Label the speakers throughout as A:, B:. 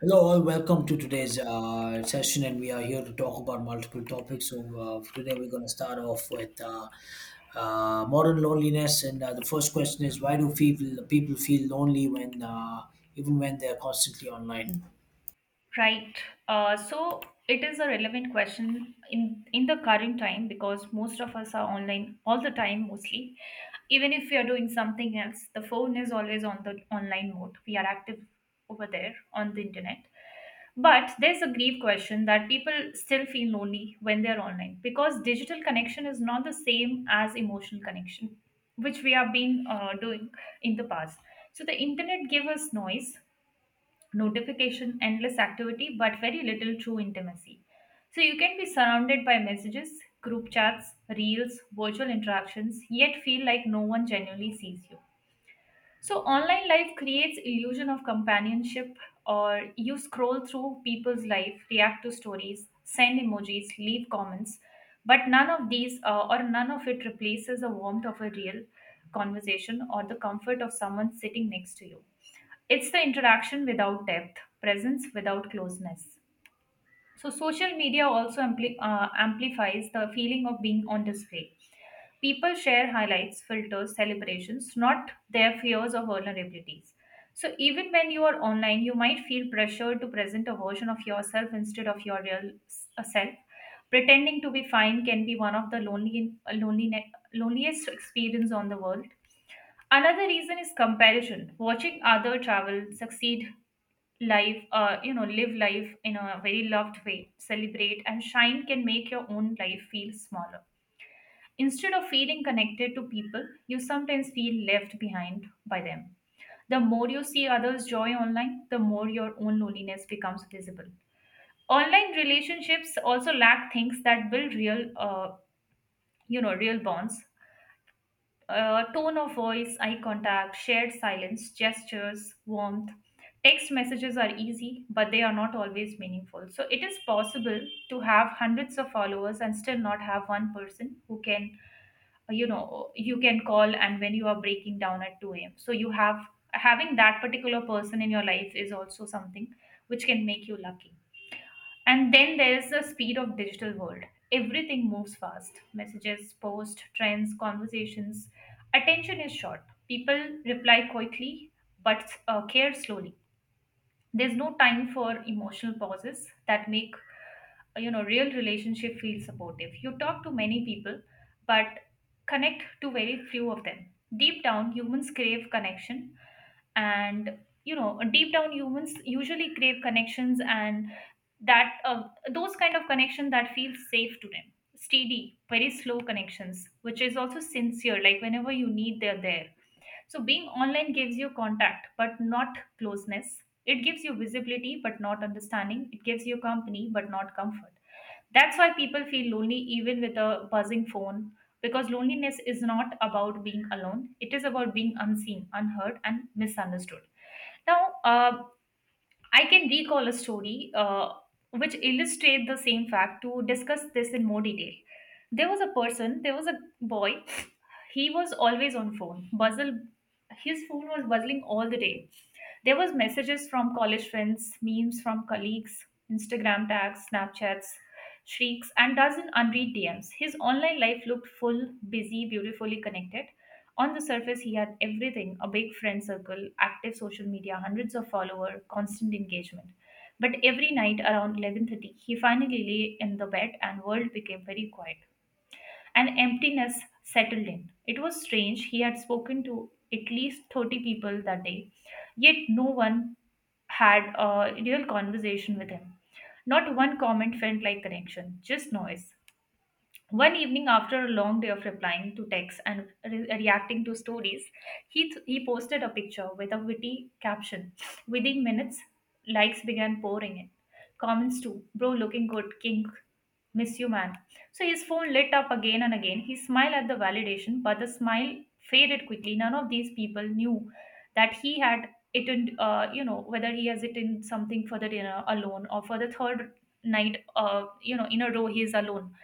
A: Hello, all. Welcome to today's session, and we are here to talk about multiple topics. So for today we're going to start off with modern loneliness, and the first question is why do people feel lonely when even when they're constantly online?
B: Right. So it is a relevant question in the current time because most of us are online all the time mostly. Even if we are doing something else, the phone is always on the online mode. We are active over there on the internet. But there's a grief question that people still feel lonely when they're online because digital connection is not the same as emotional connection, which we have been doing in the past. So the internet gave us noise, notification, endless activity, but very little true intimacy. So you can be surrounded by messages, group chats, reels, virtual interactions, yet feel like no one genuinely sees you. So online life creates illusion of companionship, or you scroll through people's life, react to stories, send emojis, leave comments, but none of these or none of it replaces the warmth of a real conversation or the comfort of someone sitting next to you. It's the interaction without depth, presence without closeness. So, social media also amplifies the feeling of being on display. People share highlights, filters, celebrations, not their fears or vulnerabilities. So, even when you are online, you might feel pressured to present a version of yourself instead of your self. Pretending to be fine can be one of the loneliest experience on the world. Another reason is comparison. Watching other travel, succeed, life you know live life in a very loved way, celebrate and shine, can make your own life feel smaller. Instead of feeling connected to people, you sometimes feel left behind by them. The more you see others' joy online, the more your own loneliness becomes visible. Online relationships also lack things that build real you know real bonds. Tone of voice, eye contact, shared silence, gestures, warmth. Text messages are easy, but they are not always meaningful. So it is possible to have hundreds of followers and still not have one person who you can call and when you are breaking down at 2 a.m. So you have having that particular person in your life is also something which can make you lucky. And then there's the speed of digital world. Everything moves fast. Messages, posts, trends, conversations. Attention is short. People reply quickly but care slowly. There's no time for emotional pauses that make real relationship feel supportive. You talk to many people, but connect to very few of them. Deep down, humans crave connection, and you know deep down humans usually crave connections and that those kind of connection that feels safe to them, steady, very slow connections which is also sincere, like whenever you need, they're there. So being online gives you contact but not closeness. It gives you visibility but not understanding. It gives you company but not comfort. That's why people feel lonely even with a buzzing phone, because loneliness is not about being alone. It is about being unseen, unheard and misunderstood. Now, uh, I can recall a story which illustrates the same fact to discuss this in more detail. There was a boy, he was always on phone buzzle, his phone was buzzing all the day. There was messages from college friends, memes from colleagues, Instagram tags, Snapchats, shrieks and dozen unread DMs. His online life looked full, busy, beautifully connected. On the surface, he had everything: a big friend circle, active social media, hundreds of followers, constant engagement. But every night around 11:30, he finally lay in the bed and world became very quiet. An emptiness settled in. It was strange. He had spoken to at least 30 people that day, yet no one had a real conversation with him. Not one comment felt like connection, just noise. One evening, after a long day of replying to texts and reacting to stories, he posted a picture with a witty caption. Within minutes, likes began pouring in. Comments too. Bro, looking good. King. Miss you, man. So his phone lit up again and again. He smiled at the validation, but the smile faded quickly. None of these people knew that he had eaten, you know, whether he has eaten something for the dinner alone, or for the third night, in a row he is alone.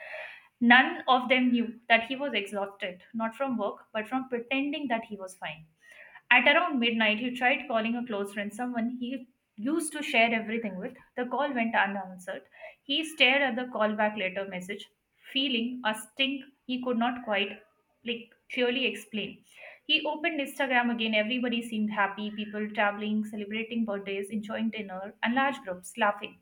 B: None of them knew that he was exhausted, not from work, but from pretending that he was fine. At around midnight, he tried calling a close friend, someone he used to share everything with. The call went unanswered. He stared at the callback later message, feeling a sting he could not quite clearly explain. He opened Instagram again. Everybody seemed happy, people traveling, celebrating birthdays, enjoying dinner, and large groups laughing.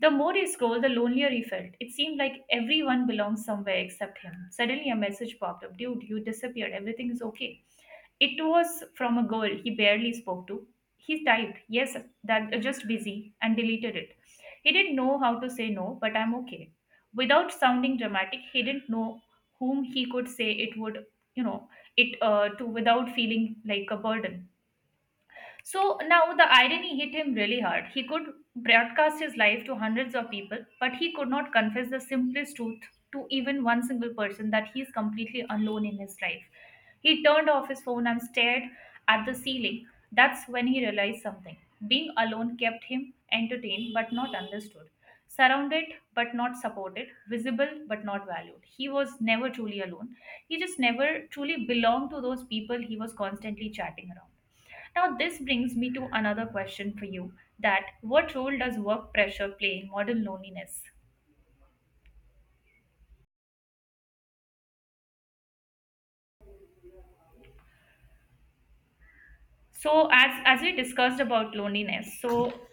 B: The more he scrolled, the lonelier he felt. It seemed like everyone belonged somewhere except him. Suddenly, a message popped up: Dude, you disappeared. Everything is okay. It was from a girl he barely spoke to. He typed, Yes, that just busy, and deleted it. He didn't know how to say no, but I'm okay. Without sounding dramatic, he didn't know whom he could say it you know, to without feeling like a burden. So now the irony hit him really hard. He could broadcast his life to hundreds of people, but he could not confess the simplest truth to even one single person, that he is completely alone in his life. He turned off his phone and stared at the ceiling. That's when he realized something. Being alone kept him entertained but not understood, surrounded but not supported, visible but not valued. He was never truly alone. He just never truly belonged to those people he was constantly chatting around. Now, this brings me to another question for you, that what role does work pressure play in modern loneliness? So, as we discussed about loneliness, so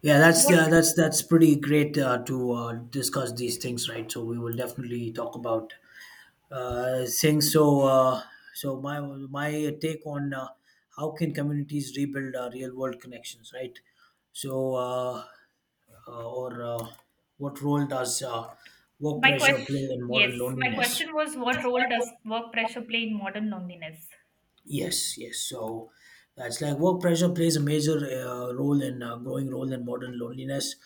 A: Yeah, that's
B: what
A: that's pretty great to discuss these things, right? So we will definitely talk about saying so. So my take on how can communities rebuild real world connections, right? So or what role does work
B: my
A: pressure
B: question,
A: play in
B: yes,
A: modern
B: my
A: loneliness?
B: question was, what role does work pressure play in modern loneliness?
A: Yes, yes. So that's like work pressure plays a major role in growing role in modern loneliness.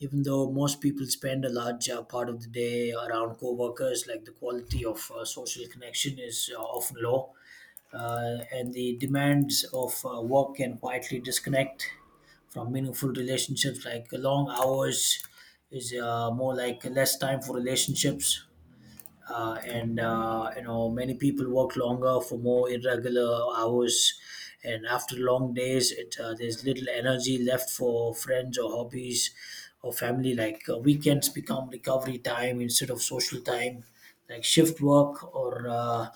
A: Even though most people spend a large part of the day around coworkers, like the quality of social connection is often low, and the demands of work can quietly disconnect from meaningful relationships. Like long hours is more like less time for relationships and you know many people work longer for more irregular hours and after long days it there's little energy left for friends or hobbies or family like weekends become recovery time instead of social time like shift work or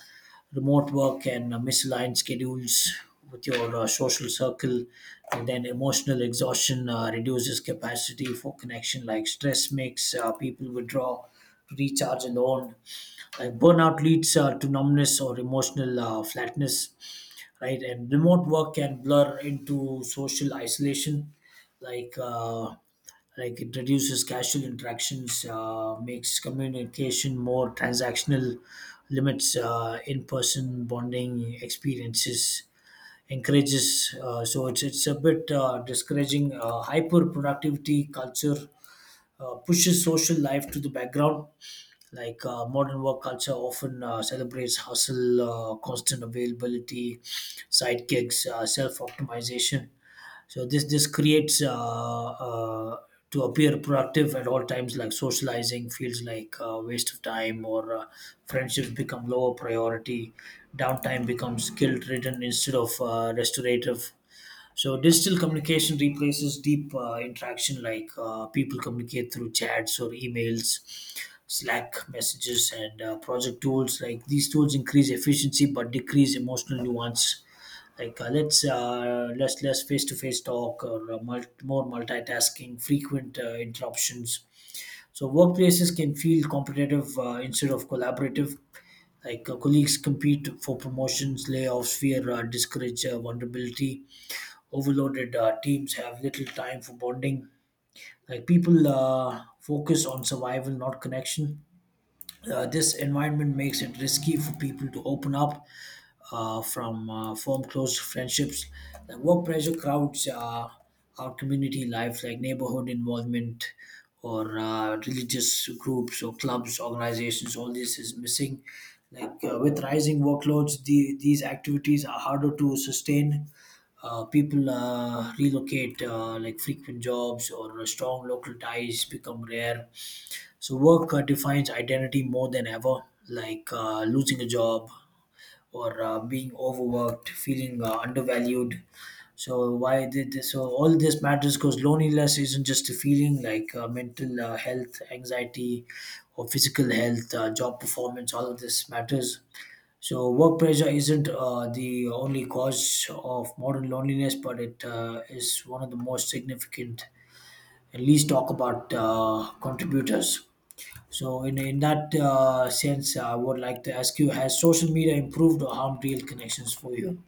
A: remote work and misaligned schedules with your social circle and then emotional exhaustion reduces capacity for connection like stress makes people withdraw to recharge alone like burnout leads to numbness or emotional flatness, right? And remote work can blur into social isolation, like uh, like it reduces casual interactions, makes communication more transactional, limits in-person bonding experiences, encourages. So it's a bit discouraging hyper productivity culture pushes social life to the background. Like modern work culture often celebrates hustle, constant availability, sidekicks, self-optimization. So this creates uh, to appear productive at all times. Like socializing feels like a waste of time, or friendships become lower priority. Downtime becomes guilt-ridden instead of restorative so digital communication replaces deep interaction, like people communicate through chats or emails, Slack messages, and project tools. Like these tools increase efficiency but decrease emotional nuance. Like let's less less face to face talk or more multitasking, frequent interruptions. So workplaces can feel competitive instead of collaborative. Like colleagues compete for promotions, layoffs, fear, discourage vulnerability overloaded teams have little time for bonding like people focus on survival not connection this environment makes it risky for people to open up from form close friendships. The work pressure crowds our community life, like neighborhood involvement or religious groups or clubs, organizations. All this is missing. Like with rising workloads, these activities are harder to sustain. People relocate, like frequent jobs or strong local ties become rare so work defines identity more than ever, like losing a job or being overworked, feeling undervalued. So why did this? So all this matters because loneliness isn't just a feeling like mental health, anxiety, or physical health, job performance. All of this matters. So work pressure isn't the only cause of modern loneliness, but it is one of the most significant and least talk about contributors. So, in that sense, I would like to ask you: has social media improved or harmed real connections for you?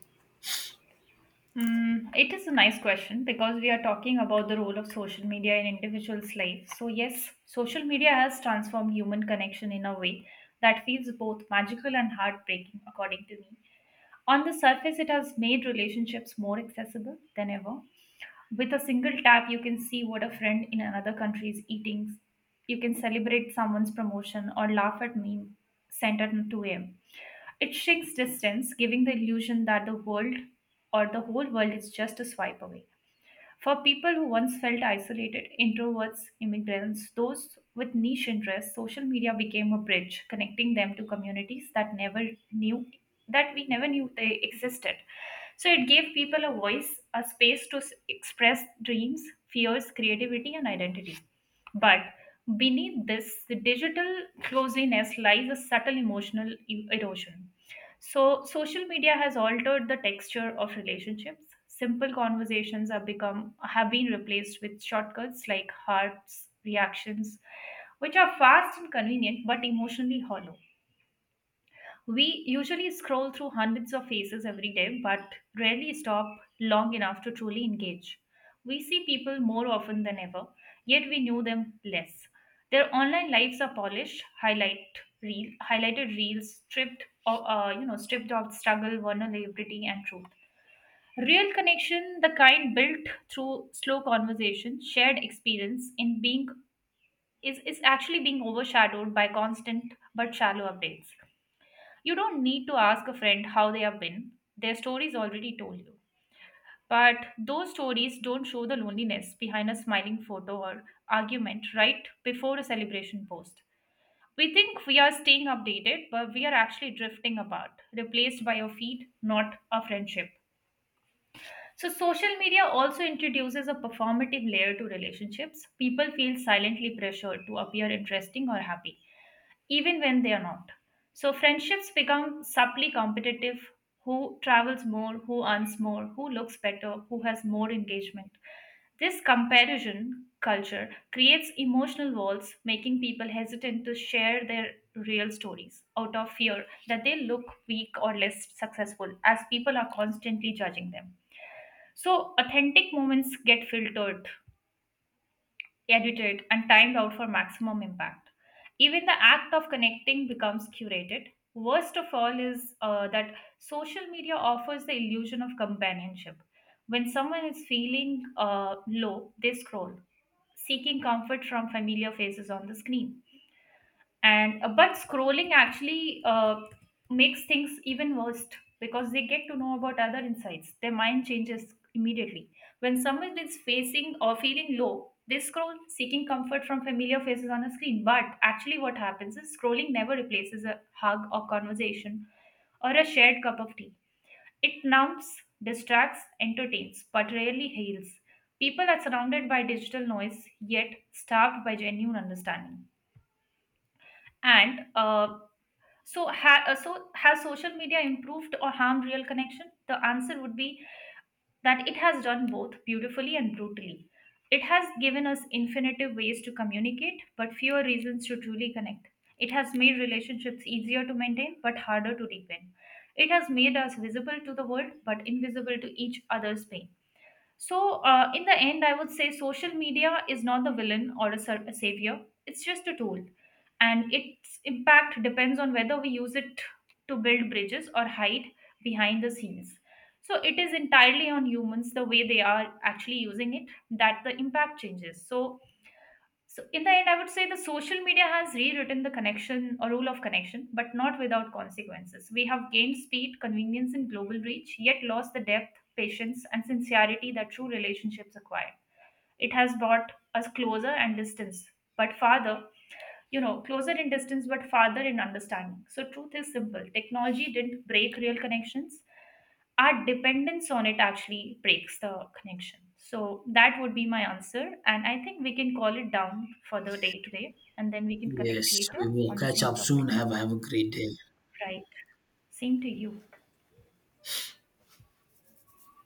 B: Mm, it is a nice question because we are talking about the role of social media in individuals' life. So, yes, social media has transformed human connection in a way that feels both magical and heartbreaking, according to me. On the surface, it has made relationships more accessible than ever. With a single tap, you can see what a friend in another country is eating. You can celebrate someone's promotion or laugh at meme sent at 2 a.m. It shrinks distance, giving the illusion that the world, or the whole world, is just a swipe away. For people who once felt isolated, introverts, immigrants, those with niche interests, social media became a bridge connecting them to communities that never knew that we never knew they existed. So it gave people a voice, a space to express dreams, fears, creativity, and identity. But beneath this, the digital closeness lies a subtle emotional erosion. So, social media has altered the texture of relationships. Simple conversations have been replaced with shortcuts like hearts, reactions, which are fast and convenient but emotionally hollow. We usually scroll through hundreds of faces every day, but rarely stop long enough to truly engage. We see people more often than ever, yet we knew them less. Their online lives are polished, highlighted reels, stripped, o- you know, stripped of struggle, vulnerability, and truth. Real connection, the kind built through slow conversation, shared experience, in being is actually being overshadowed by constant but shallow updates. You don't need to ask a friend how they have been, their stories already told you. But those stories don't show the loneliness behind a smiling photo or argument right before a celebration post. We think we are staying updated, but we are actually drifting apart, replaced by a feed, not a friendship. So, social media also introduces a performative layer to relationships. People feel silently pressured to appear interesting or happy even when they are not. So friendships become subtly competitive, who travels more, who earns more, who looks better, who has more engagement. This comparison culture creates emotional walls, making people hesitant to share their real stories out of fear that they look weak or less successful, as people are constantly judging them. So, authentic moments get filtered, edited, and timed out for maximum impact. Even the act of connecting becomes curated. Worst of all is that social media offers the illusion of companionship. When someone is feeling low, they scroll, seeking comfort from familiar faces on the screen, and but scrolling actually makes things even worse because they get to know about other insights, their mind changes immediately. When someone is facing or feeling low, they scroll seeking comfort from familiar faces on a screen, but actually what happens is scrolling never replaces a hug or conversation or a shared cup of tea. It numbs, distracts, entertains, but rarely heals. People are surrounded by digital noise, yet starved by genuine understanding. and uh, so has social media improved or harmed real connection? The answer would be that it has done both beautifully and brutally. It has given us infinite ways to communicate, but fewer reasons to truly connect. It has made relationships easier to maintain, but harder to deepen. It has made us visible to the world, but invisible to each other's pain. So, in the end, I would say social media is not the villain or a savior. It's just a tool, and its impact depends on whether we use it to build bridges or hide behind the scenes. So, it is entirely on humans the way they are actually using it that the impact changes. So, in the end, I would say the social media has rewritten the connection, or rule of connection, but not without consequences. We have gained speed, convenience, and global reach, yet lost the depth, patience, and sincerity that true relationships acquire. It has brought us but farther closer in distance but farther in understanding. So, truth is simple, technology didn't break real connections. Our dependence on it actually breaks the connection. So, that would be my answer. And I think we can call it down for the day today and then we can connect
A: Yes,
B: later
A: we will
B: on the
A: catch
B: same
A: up soon.
B: topic.
A: Have a great day.
B: Right. Same to you.